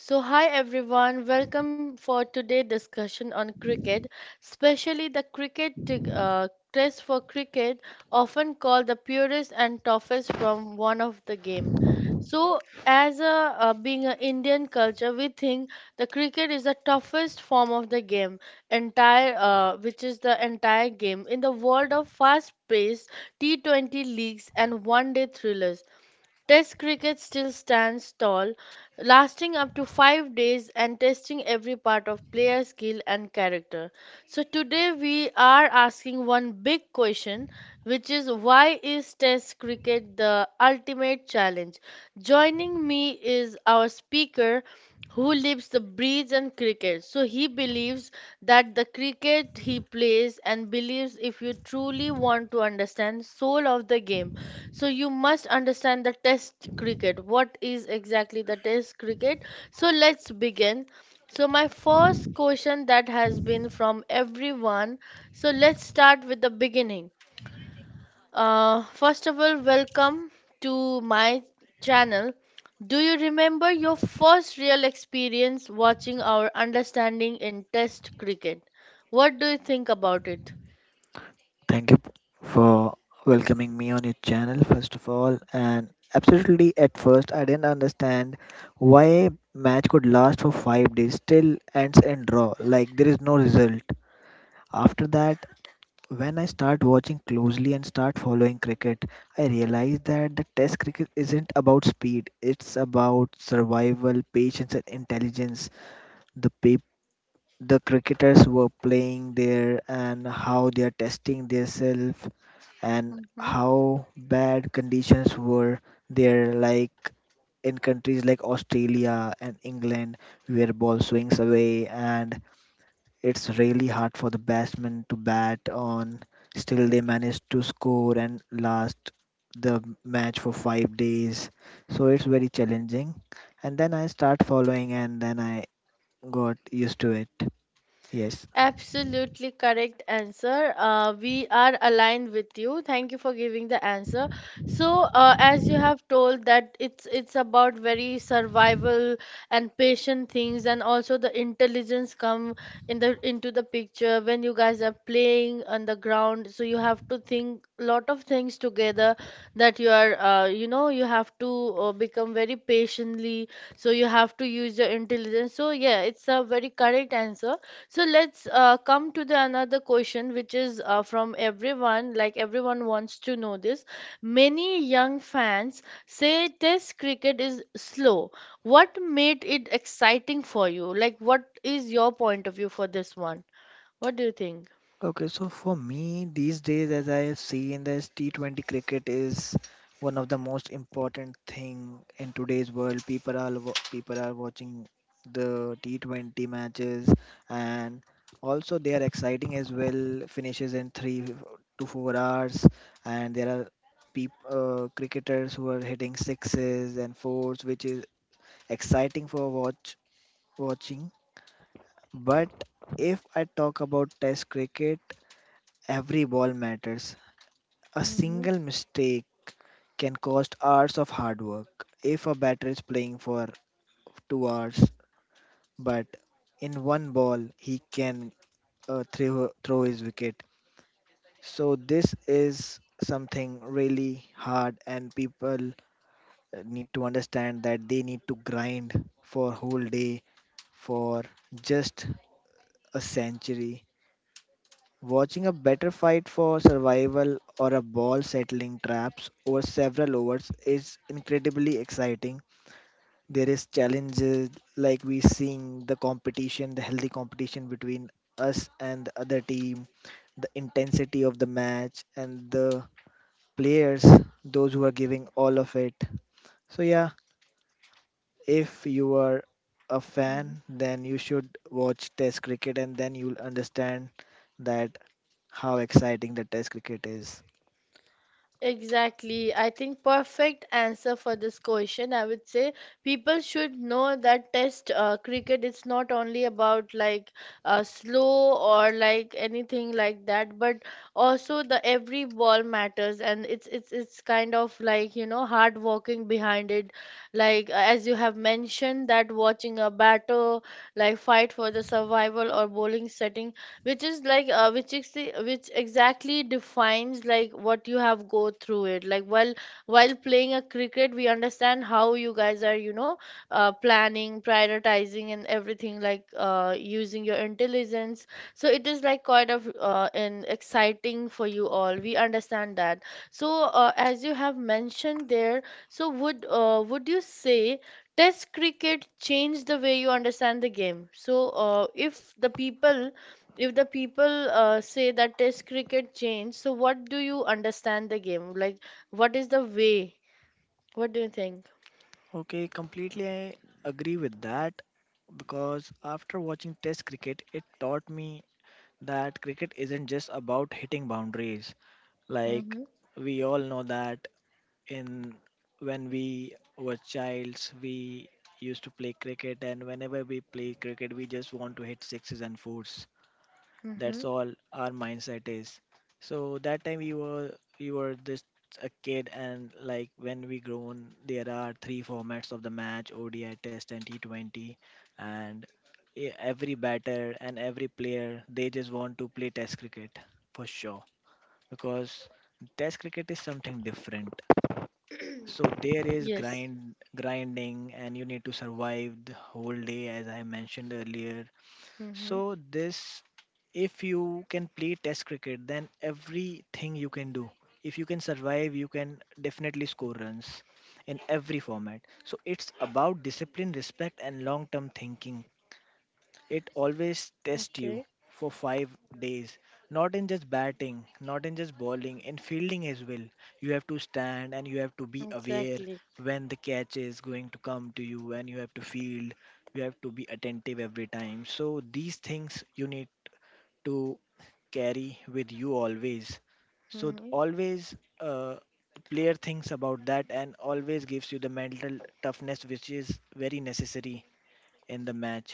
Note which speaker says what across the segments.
Speaker 1: So, hi everyone, welcome for today discussion on cricket, especially the test for cricket, often called the purest and toughest from one of the game. So, as a Being an Indian culture, we think the cricket is the toughest form of the game, entire which is the entire game in the world of fast-paced T20 leagues and one-day thrillers. Test cricket still stands tall, lasting up to 5 days and testing every part of player skill and character. So, today we are asking one big question, which is why is Test cricket the ultimate challenge? Joining me is our speaker who lives the breeds and cricket. So, he believes that the cricket he plays and believes if you truly want to understand soul of the game so you must understand the test cricket. What is exactly the test cricket? So let's begin. So my first question that has been from everyone. So let's start with the beginning. First of all, welcome to my channel. Do you remember your first real experience watching our understanding in test cricket? What do you think about it?
Speaker 2: Thank you for welcoming me on your channel, first of all. And absolutely, at first, I didn't understand why a match could last for 5 days, still ends in draw, like there is no result. After that, when I start watching closely and start following cricket, I realize that the test cricket isn't about speed, it's about survival, patience, and intelligence. The people the cricketers were playing there and how they are testing themselves and how bad conditions were there, like in countries like Australia and England, where ball swings away, and it's really hard for the batsmen to bat on. Still, they managed to score and last the match for 5 days, so it's very challenging. And then I start following, and then I got used to it. Yes.
Speaker 1: Absolutely correct answer. We are aligned with you. Thank you for giving the answer. So, as you have told that it's about very survival and patient things, and also the intelligence come in the into the picture when you guys are playing on the ground. So you have to think lot of things together that you are, you have to become very patiently. So you have to use your intelligence. So yeah, it's a very correct answer. So let's come to the another question, which is from everyone. Like everyone wants to know this. Many young fans say Test cricket is slow. What made it exciting for you? Like, what is your point of view for this one? What do you think?
Speaker 2: Okay, so for me, these days, as I have seen, this T20 cricket is one of the most important thing in today's world. People are watching the T20 matches, and also they are exciting as well. Finishes in 3 to 4 hours, and there are cricketers who are hitting sixes and fours, which is exciting for watching. But if I talk about Test cricket, every ball matters. A
Speaker 1: Mm-hmm.
Speaker 2: single mistake can cost hours of hard work. If a batter is playing for 2 hours, but in one ball he can throw his wicket. So this is something really hard, and people need to understand that they need to grind for whole day for just a century. Watching a better fight for survival or a ball settling traps over several overs is incredibly exciting. There is challenges like we seeing the competition, the healthy competition between us and the other team, the intensity of the match and the players, those who are giving all of it. So yeah, if you are a fan, then you should watch Test cricket and then you'll understand that how exciting the Test cricket is.
Speaker 1: Exactly. I think perfect answer for this question, I would say people should know that test cricket is not only about like slow or like anything like that, but also the every ball matters and it's kind of like, you know, hard working behind it. Like as you have mentioned that watching a batter like fight for the survival or bowling setting which is which exactly defines like what you have go through it like while playing a cricket we understand how you guys are you know planning prioritizing and everything like using your intelligence so it is like quite of an exciting for you all we understand that so as you have mentioned there so would you say Test cricket changed the way you understand the game. So, if the people say that test cricket changed, so what do you understand the game? Like, what is the way? What do you think?
Speaker 2: Okay, completely I agree with that because after watching Test cricket, it taught me that cricket isn't just about hitting boundaries. Like
Speaker 1: Mm-hmm.
Speaker 2: we all know that in when we were childs, we used to play cricket, and whenever we play cricket, we just want to hit sixes and fours. That's
Speaker 1: Mm-hmm.
Speaker 2: all our mindset is. So that time we were just a kid, and like when we grown, there are three formats of the match: ODI, Test, and T20. And every batter and every player, they just want to play Test cricket for sure because Test cricket is something different. So there is
Speaker 1: Yes.
Speaker 2: grind, grinding, and you need to survive the whole day, as I mentioned earlier.
Speaker 1: Mm-hmm.
Speaker 2: So this, if you can play Test cricket, then everything you can do. If you can survive, you can definitely score runs in every format. So it's about discipline, respect, and long-term thinking. It always tests you
Speaker 1: Okay.
Speaker 2: for 5 days, not in just batting, not in just bowling, in fielding as well. You have to stand and you have to be aware
Speaker 1: Exactly.
Speaker 2: when the catch is going to come to you, and you have to field. You have to be attentive every time. So these things you need to carry with you always. So
Speaker 1: Mm-hmm.
Speaker 2: always, player thinks about that and always gives you the mental toughness which is very necessary in the match.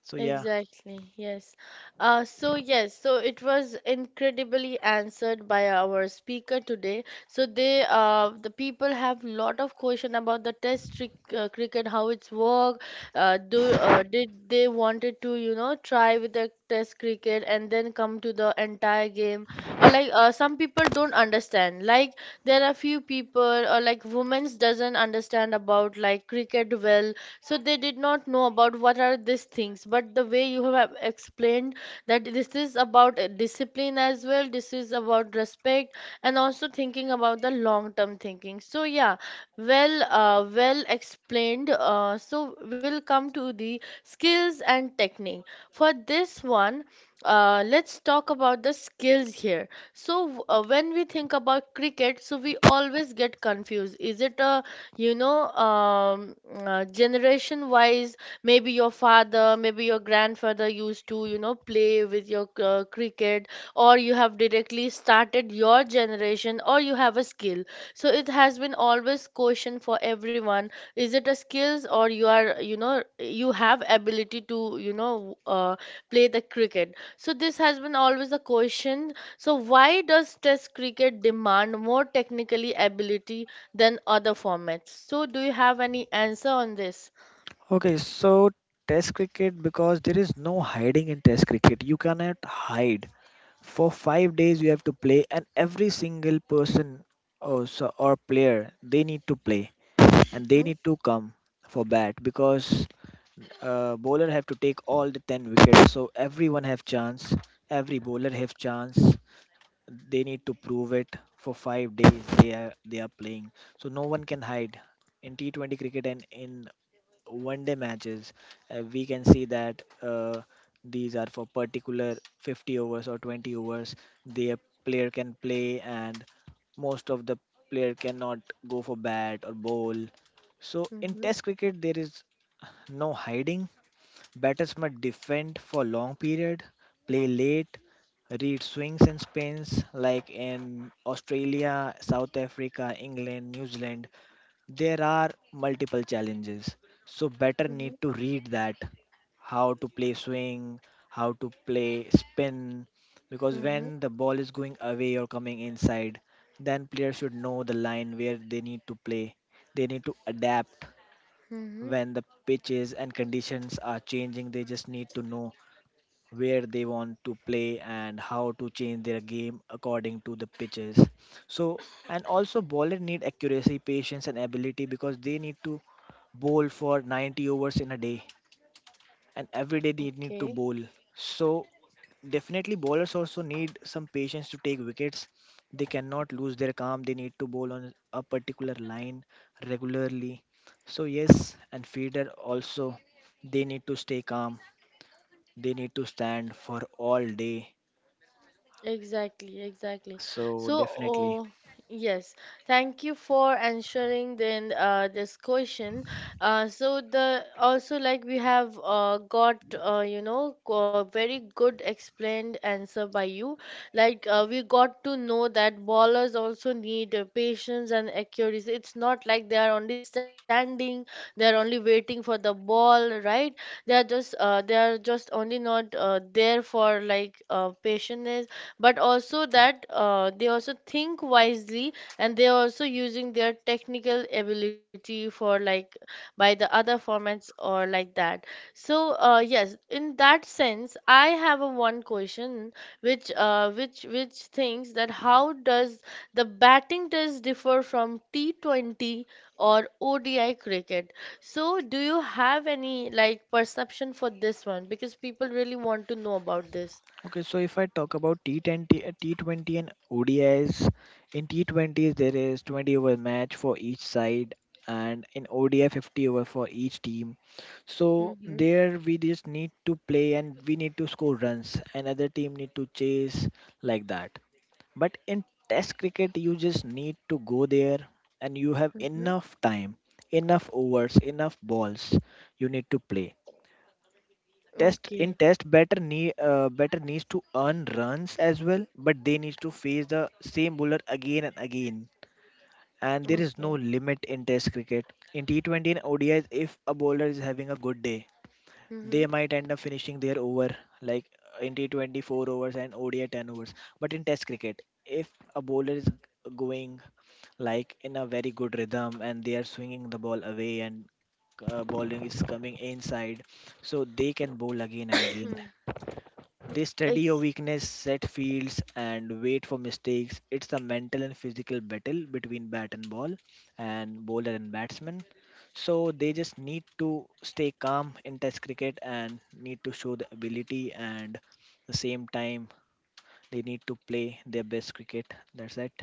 Speaker 2: So yeah.
Speaker 1: Exactly, yes. So, yes, so it was incredibly answered by our speaker today. So they, the people have lot of question about the cricket, how it's work. Do Did they wanted to, you know, try with the test cricket and then come to the entire game? Or like some people don't understand. Like there are few people or like women's doesn't understand about like cricket well so they did not know about what are these things but the way you have explained that this is about discipline as well this is about respect and also thinking about the long term thinking so yeah well explained so we'll come to the skills and technique for this one let's talk about the skills here so when we think about cricket so we always get confused is it a generation wise maybe your father maybe your grandfather used to you know play with your cricket or you have directly started your generation or you have a skill so it has been always question for everyone is it a skills or you are you know you have ability to play the cricket so this has been always a question so why does test cricket demand more technically ability than other formats. So, do you have any answer on this?
Speaker 2: Okay, so Test cricket, because there is no hiding in Test cricket. You cannot hide. For 5 days, you have to play, and every single person or player they need to play and they
Speaker 1: Mm-hmm,
Speaker 2: need to come for bat because bowler have to take all the 10 wickets. So everyone have chance. Every bowler have chance. They need to prove it for 5 days. They are playing, so no one can hide in T20 cricket and in one day matches. We can see that these are for particular 50 overs or 20 overs. The player can play, and most of the player cannot go for bat or bowl. So in
Speaker 1: mm-hmm,
Speaker 2: Test cricket, there is no hiding. Batters must defend for long period, play late, read swings and spins like in Australia, South Africa, England, New Zealand. There are multiple challenges, so better need to read that how to play swing, how to play spin, because
Speaker 1: mm-hmm,
Speaker 2: when the ball is going away or coming inside, then players should know the line where they need to play. They need to adapt
Speaker 1: mm-hmm.
Speaker 2: when the pitches and conditions are changing. They just need to know where they want to play and how to change their game according to the pitches. So, and also bowler need accuracy, patience and ability because they need to bowl for 90 overs in a day, and every day they need to
Speaker 1: Okay.
Speaker 2: bowl. So definitely bowlers also need some patience to take wickets. They cannot lose their calm, they need to bowl on a particular line regularly. So yes, and feeder also, they need to stay calm, they need to stand for all day.
Speaker 1: Exactly, exactly.
Speaker 2: So
Speaker 1: So,
Speaker 2: definitely.
Speaker 1: oh, yes, thank you for answering then this question. So the also like we have got you know very good explained answer by you. Like we got to know that ballers also need patience and accuracy. It's not like they are only standing, they are only waiting for the ball, right? They are just only not there for like patience but also that they also think wisely and they are also using their technical ability for like by the other formats or like that so yes in that sense I have a one question which thinks that how does the batting test differ from T20 or odi cricket so do you have any like perception for this one because people really want to know about this
Speaker 2: Okay, so if I talk about T20, and ODIs, in T20s there is 20 over match for each side and in ODI 50 over for each team. So
Speaker 1: mm-hmm,
Speaker 2: there we just need to play and we need to score runs and other team need to chase, like that. But in test cricket you just need to go there and you have enough time, enough overs, enough balls you need to play. Test, in
Speaker 1: Okay,
Speaker 2: test better knee, better needs to earn runs as well, but they need to face the same bowler again and again. And there is no
Speaker 1: okay.
Speaker 2: limit in test cricket. In T20 and ODIs, if a bowler is having a good day,
Speaker 1: Mm-hmm.
Speaker 2: they might end up finishing their over, like, in T20 four overs and ODI 10 overs. But in test cricket, if a bowler is going like in a very good rhythm and they are swinging the ball away and, bowling is coming inside, so they can bowl again and again. They study your
Speaker 1: Ex
Speaker 2: weakness, set fields, and wait for mistakes. It's a mental and physical battle between bat and ball, and bowler and batsman. So they just need to stay calm in Test cricket and need to show the ability, and the same time they need to play their best cricket. That's it.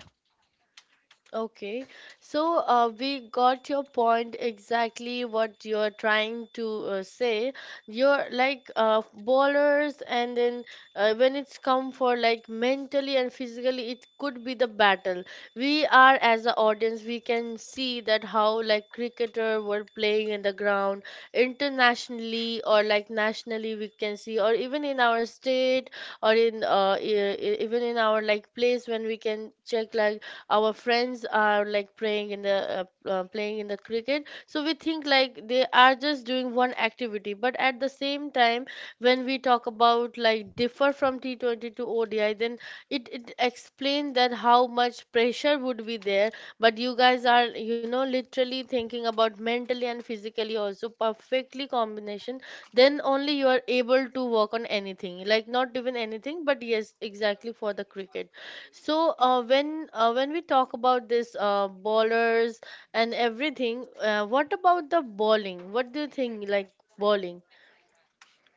Speaker 1: Okay, so we got your point exactly what you're trying to say. You're like bowlers, and then when it's come for like mentally and physically, it could be the battle. We are as an audience, we can see that how like cricketer were playing in the ground internationally or like nationally, we can see, or even in our state or in even in our like place when we can check like our friends are like playing in the cricket so we think like they are just doing one activity but at the same time when we talk about like differ from T20 to ODI then it explained that how much pressure would be there but you guys are you know literally thinking about mentally and physically also perfectly combination then only you are able to work on anything like not even anything but yes exactly for the cricket so when we talk about this bowlers and everything, what about the bowling? What do you think like bowling?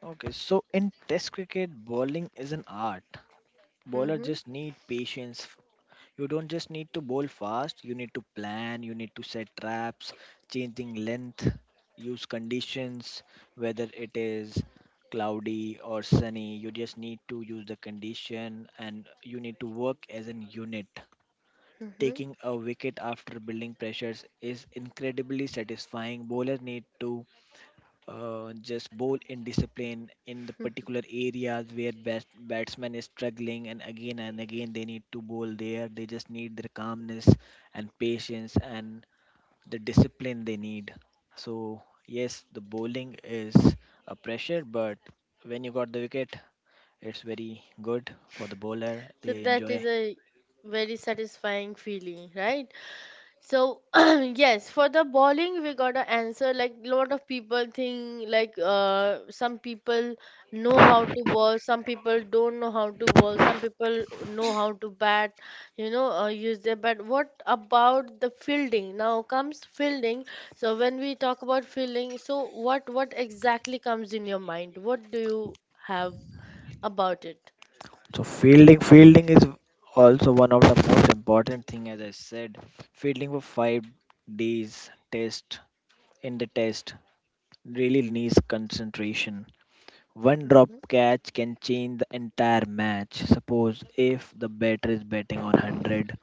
Speaker 2: Okay, so in Test cricket, bowling is an art. Bowler
Speaker 1: Mm-hmm.
Speaker 2: just need patience. You don't just need to bowl fast, you need to plan, you need to set traps, changing length, use conditions, whether it is cloudy or sunny. You just need to use the condition and you need to work as an unit.
Speaker 1: Mm-hmm.
Speaker 2: Taking a wicket after building pressures is incredibly satisfying. Bowlers need to just bowl indiscipline in the particular areas where best batsman is struggling, and again they need to bowl there. They just need their calmness and patience and the discipline they need. So yes, the bowling is a pressure, but when you got the wicket, it's very good for the bowler,
Speaker 1: So
Speaker 2: they
Speaker 1: that
Speaker 2: enjoy.
Speaker 1: is a very satisfying feeling, right? So yes, for the bowling we got an answer like a lot of people think like some people know how to bowl, some people don't know how to bowl, some people know how to bat, you know, use their bat. What about the fielding? Now comes fielding. So when we talk about fielding, so what exactly comes in your mind? What do you have about it?
Speaker 2: So fielding is also one of the most important thing. As I said, fielding for 5 days test in the test really needs concentration. One drop
Speaker 1: Mhm,
Speaker 2: catch can change the entire match. Suppose if the batter is batting on 100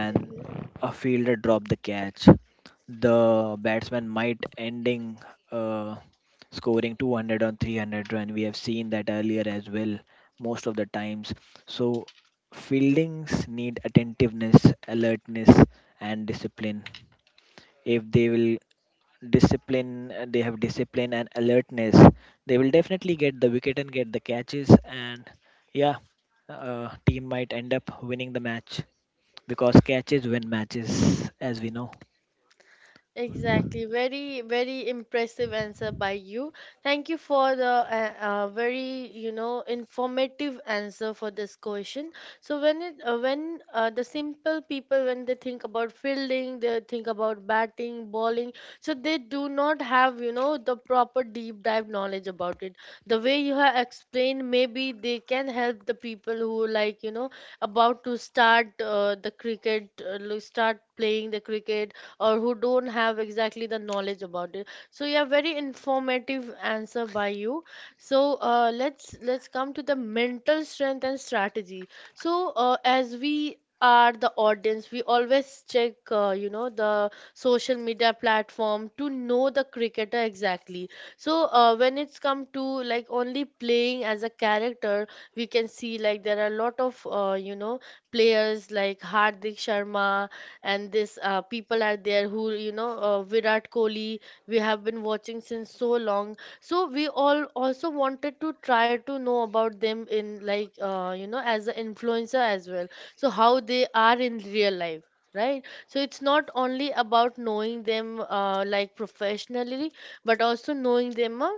Speaker 2: and
Speaker 1: mhm.
Speaker 2: a fielder drop the catch, the batsman might ending, uh, scoring 200 on 300 run. We have seen that earlier as well most of the times. So fieldings need attentiveness, alertness and discipline. If they will discipline They have discipline and alertness, they will definitely get the wicket and get the catches, and yeah, team might end up winning the match because catches win matches, as we know.
Speaker 1: Exactly. Very, very impressive answer by you. Thank you for the very, you know, informative answer for this question. So when it, when the simple people, when they think about fielding, they think about batting, bowling. So they do not have, you know, the proper deep dive knowledge about it. The way you have explained, maybe they can help the people who like, you know, about to start the start playing the cricket or who don't have exactly the knowledge about it so yeah very informative answer by you so let's come to the mental strength and strategy so as we are the audience we always check you know the social media platform to know the cricketer exactly so when it's come to like only playing as a character we can see like there are a lot of you know players like Hardik Sharma and this people are there who you know Virat Kohli we have been watching since so long so we all also wanted to try to know about them in like you know as an influencer as well so how they are in real life right so it's not only about knowing them like professionally but also knowing them uh,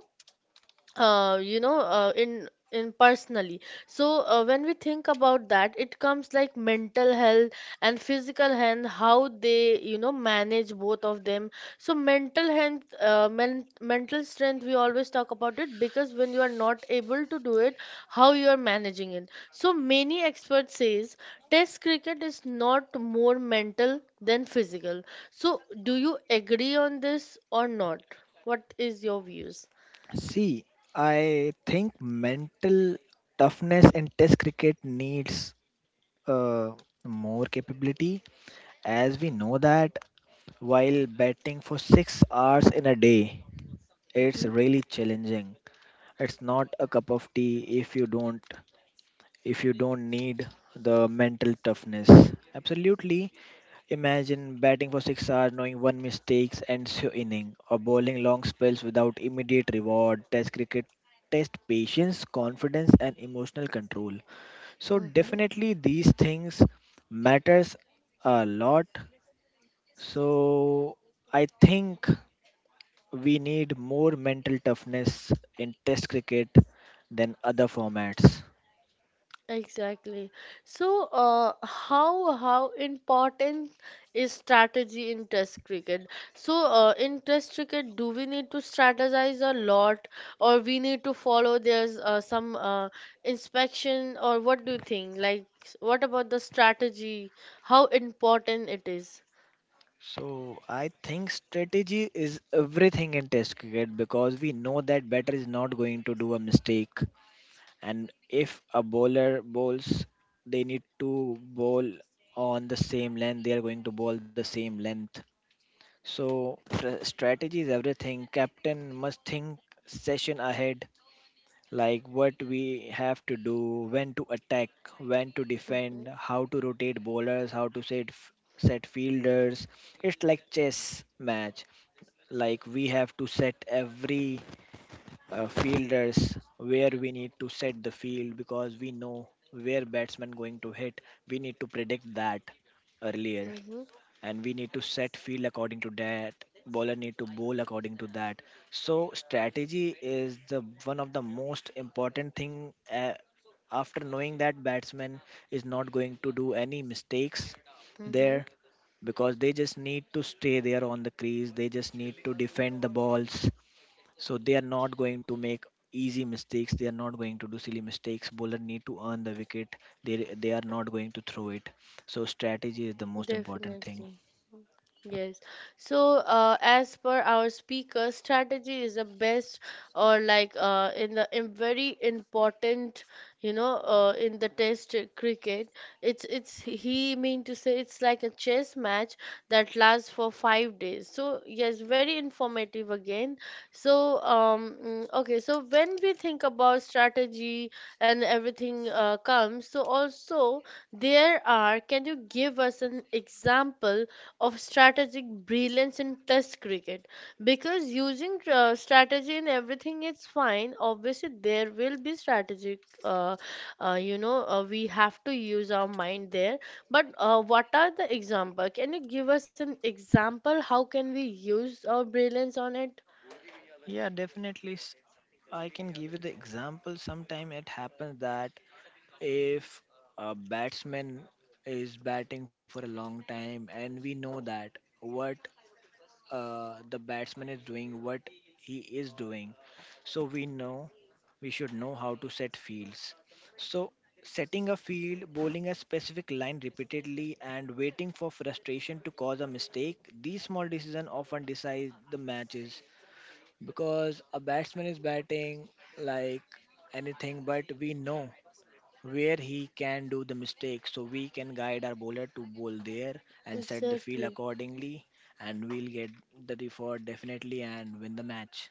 Speaker 1: uh, you know, uh, in personally. So when we think about that, it comes like mental health and physical health, how they you know manage both of them. So mental health, mental strength, we always talk about it because when you are not able to do it, how you are managing it. So many experts says Test cricket is not more mental than physical. So do you agree on this or not? What is your views?
Speaker 2: See, I think mental toughness in test cricket needs uh, more capability, as we know that while batting for 6 hours in a day, it's
Speaker 1: Mm-hmm.
Speaker 2: really challenging, it's not a cup of tea. If you don't, if you don't need the mental toughness. Absolutely. Imagine batting for 6 hours, knowing one mistakes ends your inning, or bowling long spells without immediate reward. Test cricket test patience, confidence and emotional control. So
Speaker 1: Mm-hmm.
Speaker 2: definitely these things matters a lot. So I think we need more mental toughness in test cricket than other formats.
Speaker 1: Exactly. So, how important is strategy in Test cricket? In Test cricket, do we need to strategize a lot, or we need to follow there's some inspection, or what do you think? Like, what about the strategy? How important it is?
Speaker 2: So I think strategy is everything in test cricket because we know that batter is not going to do a mistake, and if a bowler bowls, they need to bowl on the same length, they are going to bowl the same length. So strategy is everything. Captain must think session ahead, like what we have to do, when to attack, when to defend,
Speaker 1: Mm-hmm.
Speaker 2: how to rotate bowlers, how to set fielders. It's like chess match. Like we have to set every fielders where we need to set the field because we know where batsman going to hit. We need to predict that earlier and we need to set field according to that bowler need to bowl according to that, so strategy is the one of the most important thing after knowing that batsman is not going to do any mistakes
Speaker 1: Mm-hmm.
Speaker 2: there, because they just need to stay there on the crease, they just need to defend the balls, so they are not going to make easy mistakes, they are not going to do silly mistakes, bowler need to earn the wicket, they they are not going to throw it. So strategy is the most important thing.
Speaker 1: Definitely. Yes. As per our speaker, strategy is the best, or like in the in very important, in the test cricket, it's he mean to say it's like a chess match that lasts for 5 days. So yes, very informative again. Okay. So when we think about strategy and everything comes, so also there are, can you give us an example of strategic brilliance in Test cricket? Because using strategy in everything is fine. Obviously, there will be strategic. We have to use our mind there. But what are the example? Can you give us an example? How can we use our brilliance on it?
Speaker 2: Yeah, definitely. I can give you the example. Sometime it happens that if a batsman is batting for a long time, and we know that what the batsman is doing, what he is doing, so we know we should know how to set fields. So setting a field, bowling a specific line repeatedly, and waiting for frustration to cause a mistake. These small decisions often decide the matches, because a batsman is batting like anything, but we know where he can do the mistake, so we can guide our bowler to bowl there and set the field
Speaker 1: Exactly.
Speaker 2: accordingly, and we'll get the default definitely and win the match.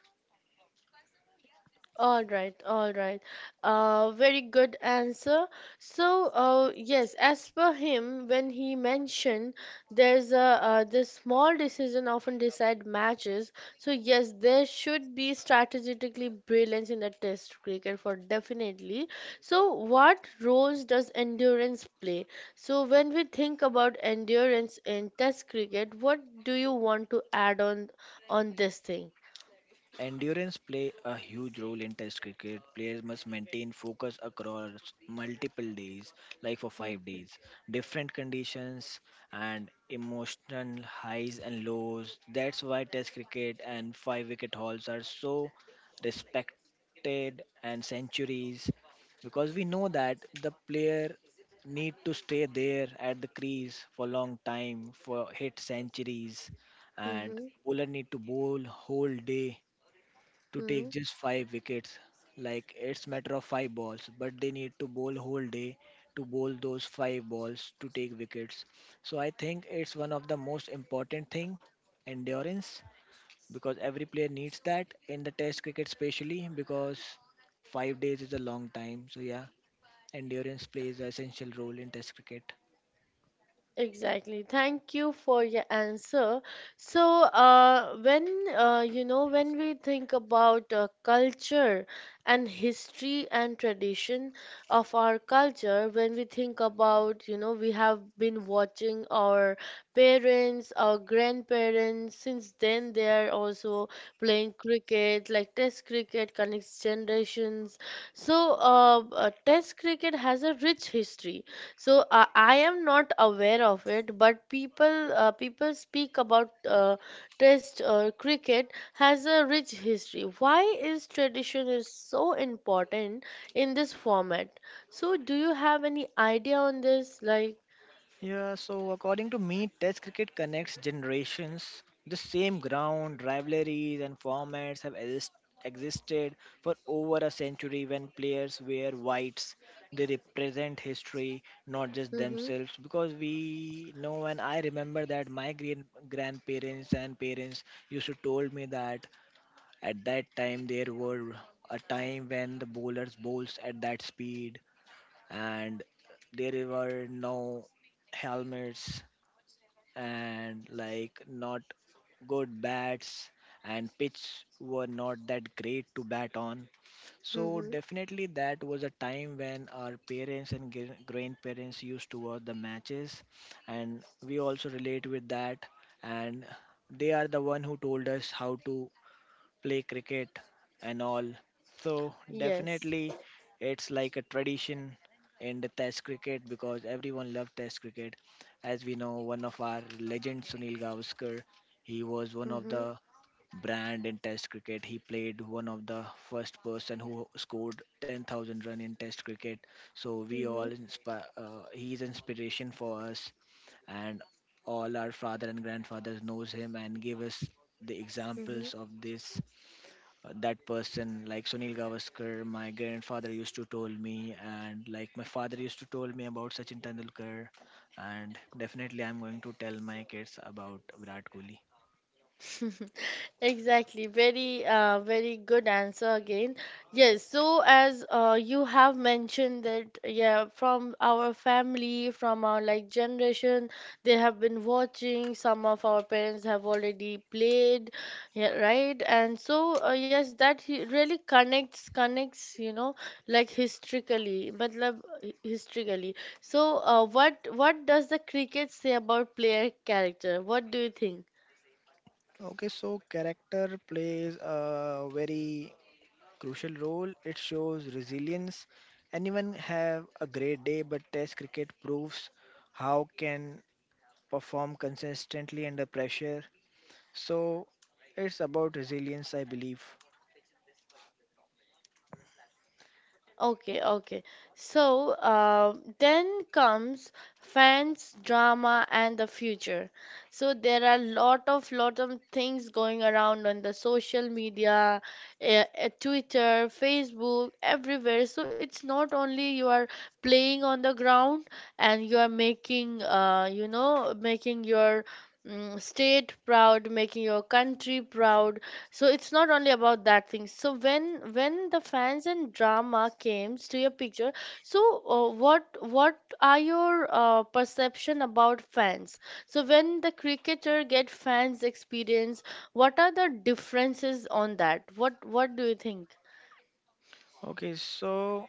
Speaker 1: All right, all right. Very good answer. Yes, as per him, when he mentioned there's a this small decision often decide matches. So yes, there should be strategically brilliance in the test cricket for definitely. So what roles does endurance play? So when we think about endurance in test cricket, what do you want to add on this thing?
Speaker 2: Endurance play a huge role in test cricket. Players must maintain focus across multiple days, like for 5
Speaker 1: Mm-hmm,
Speaker 2: days. Different conditions and emotional highs and lows. That's why test cricket and 5 wicket hauls are so respected, and centuries, because we know that the player need to stay there at the crease for long time for hit centuries, and
Speaker 1: mm-hmm,
Speaker 2: bowler need to bowl whole day to
Speaker 1: mm-hmm.
Speaker 2: take just five wickets. Like it's matter of five balls, but they need to bowl whole day to bowl those five balls to take wickets. So I think it's one of the most important thing, endurance, because every player needs that in the test cricket especially, because 5 days is a long time. So yeah, endurance plays an essential role in test cricket.
Speaker 1: Exactly. Thank you for your answer. So, when you know, when we think about culture and history and tradition of our culture, when we think about, you know, we have been watching our parents, our grandparents, since then they are also playing cricket, like Test cricket connects generations. So, Test cricket has a rich history so I am not aware of it, but people speak about Test cricket has a rich history. Why is tradition is so important in this format? So do you have any idea on this? Like,
Speaker 2: Yeah, so according to me, Test cricket connects generations. The same ground, rivalries, and formats have existed for over a century. When players wear whites, they represent history, not just
Speaker 1: mm-hmm,
Speaker 2: themselves. Because we know, and I remember that my great grandparents and parents used to told me that at that time there were a time when the bowlers bowls at that speed, and there were no helmets, and like not good bats, and pitch were not that great to bat on. So
Speaker 1: mm-hmm,
Speaker 2: definitely that was a time when our parents and grandparents used to watch the matches, and we also relate with that, and they are the one who told us how to play cricket and all. So
Speaker 1: yes,
Speaker 2: definitely it's like a tradition in the test cricket, because everyone loved test cricket. As we know, one of our legends Sunil Gavaskar, he was one of
Speaker 1: mm-hmm,
Speaker 2: the brand in test cricket. He played one of the first person who scored 10,000 run in test cricket. So we all
Speaker 1: mm-hmm,
Speaker 2: inspire, he's inspiration for us, and all our father and grandfathers knows him and give us the
Speaker 1: mm-hmm.
Speaker 2: examples of this. That person like Sunil Gavaskar, my grandfather used to told me, and like my father used to told me about Sachin Tendulkar, and definitely I'm going to tell my kids about Virat Kohli.
Speaker 1: Exactly. Very, very good answer again. Yes. So as you have mentioned that, yeah, from our family, from our like generation, they have been watching. Some of our parents have already played, yeah, right? And so, yes, that really connects, you know, like historically, but historically. So, what does the cricket say about player character? What do you think?
Speaker 2: Okay, so character plays a very crucial role. It shows resilience. Anyone have a great day, but Test cricket proves how can perform consistently under pressure. So it's about resilience, I believe.
Speaker 1: Okay, okay. So then comes fans, drama, and the future. So there are lot of things going around on the social media, Twitter, Facebook, everywhere. So it's not only you are playing on the ground and you are making, making your state proud, making your country proud. So it's not only about that thing. So when the fans and drama came to your picture, so what are your perception about fans? So when the cricketer get fans experience, what are the differences on that? What do you think?
Speaker 2: Okay, so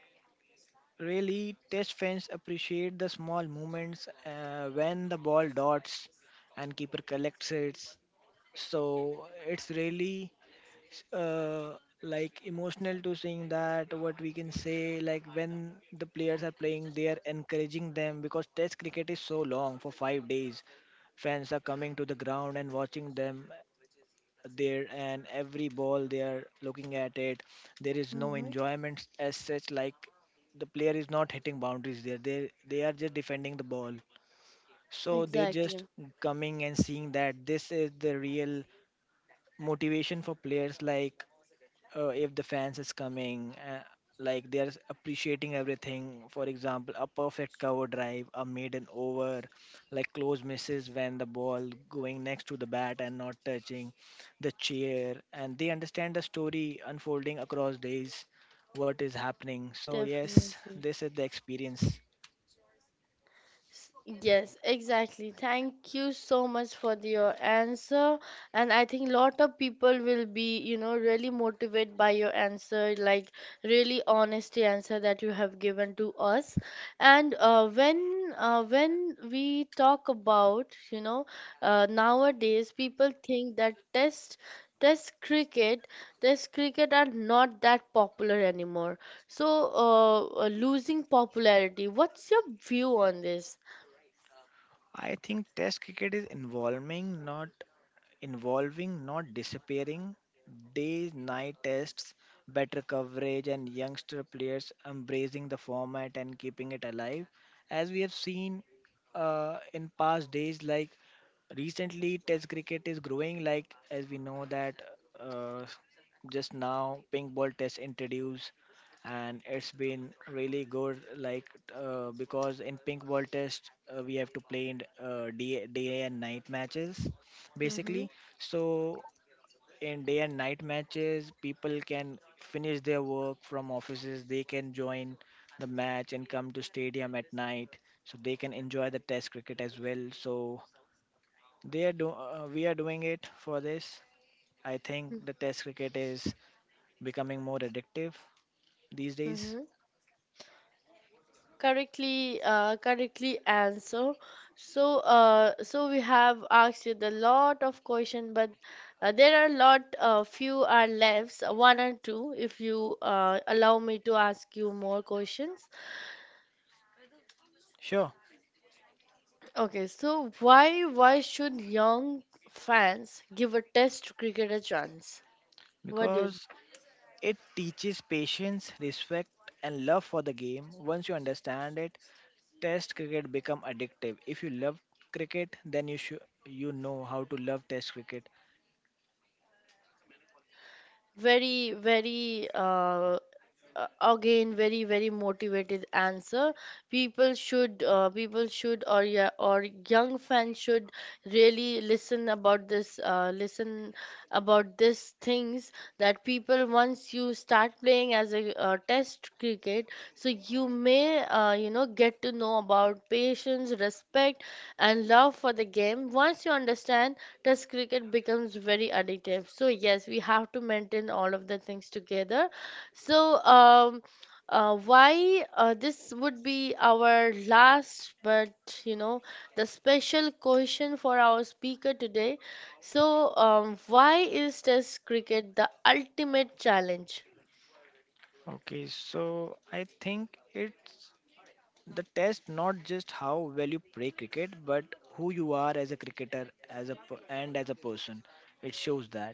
Speaker 2: really, test fans appreciate the small moments when the ball dots and keeper collects it. So it's really uh, like emotional to seeing that, what we can say, like when the players are playing, they are encouraging them, because test cricket is so long for 5 days. Fans are coming to the ground and watching them there, and every ball they are looking at it. There is no
Speaker 1: Mm-hmm.
Speaker 2: enjoyment as such, like the player is not hitting boundaries there, they are just defending the ball, so they just
Speaker 1: Exactly.
Speaker 2: coming and seeing that. This is the real motivation for players, like if the fans is coming, like they're appreciating everything. For example, a perfect cover drive, a maiden over, like close misses when the ball going next to the bat and not touching the chair, and they understand the story unfolding across days, what is happening. So yes,
Speaker 1: Definitely.
Speaker 2: this is the experience.
Speaker 1: S- Yes, exactly. Thank you so much for your answer. And I think lot of people will be, you know, really motivated by your answer, like really honest answer that you have given to us. And when we talk about, you know, nowadays people think that test cricket test cricket are not that popular anymore. So uh, losing popularity. What's your view on this?
Speaker 2: I think test cricket is involving, not involving, not disappearing, day night tests, better coverage, and youngster players embracing the format and keeping it alive. As we have seen in past days, like recently, test cricket is growing. Like as we know that, uh, just now pink ball test introduced, and it's been really good. Like because in pink ball test, we have to play in day, day and night matches basically.
Speaker 1: Mm-hmm.
Speaker 2: So in day and night matches, people can finish their work from offices. They can join the match and come to stadium at night, so they can enjoy the Test cricket as well. So they are do we are doing it for this. I think the Test cricket is becoming more addictive these days.
Speaker 1: Mm-hmm. Correctly answer. So we have asked you the lot of question, but there are lot few are left, one or two. If you allow me to ask you more questions.
Speaker 2: Sure,
Speaker 1: Okay, so why should young fans give a test cricket a chance? What do
Speaker 2: because
Speaker 1: you?
Speaker 2: it teaches patience, respect, and love for the game. Once you understand it, Test cricket become addictive. If you love cricket, then you should you know how to love test cricket.
Speaker 1: Very very uh, again very very motivated answer people should or yeah or young fans should really listen about this listen about these things that people once you start playing as a test cricket so you may you know get to know about patience respect and love for the game once you understand test cricket becomes very addictive so yes we have to maintain all of the things together so, why this would be our last, but you know, the special question for our speaker today. So, why is Test cricket the ultimate challenge?
Speaker 2: Okay, so I think it's the test, not just how well you play cricket, but who you are as a cricketer, as a and as a person. It shows that.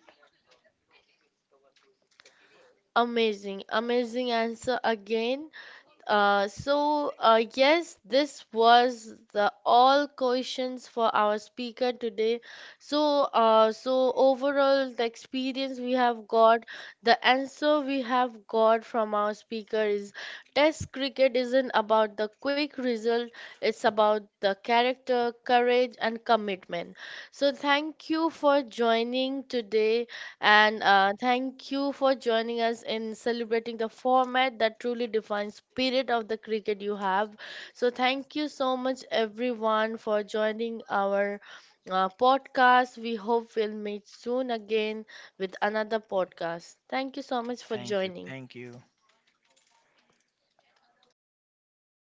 Speaker 1: Amazing, amazing answer again. So, yes, this was the all questions for our speaker today. So, so overall, the experience we have got, the answer we have got from our speaker is Test cricket isn't about the quick result, it's about the character, courage, and commitment. So, thank you for joining today and thank you for joining us in celebrating the format that truly defines spirit of the cricket you have. So thank you so much everyone for joining our podcast. We hope we'll meet soon again with another podcast. Thank you so much for
Speaker 2: Thank you.
Speaker 1: joining.
Speaker 2: Thank you.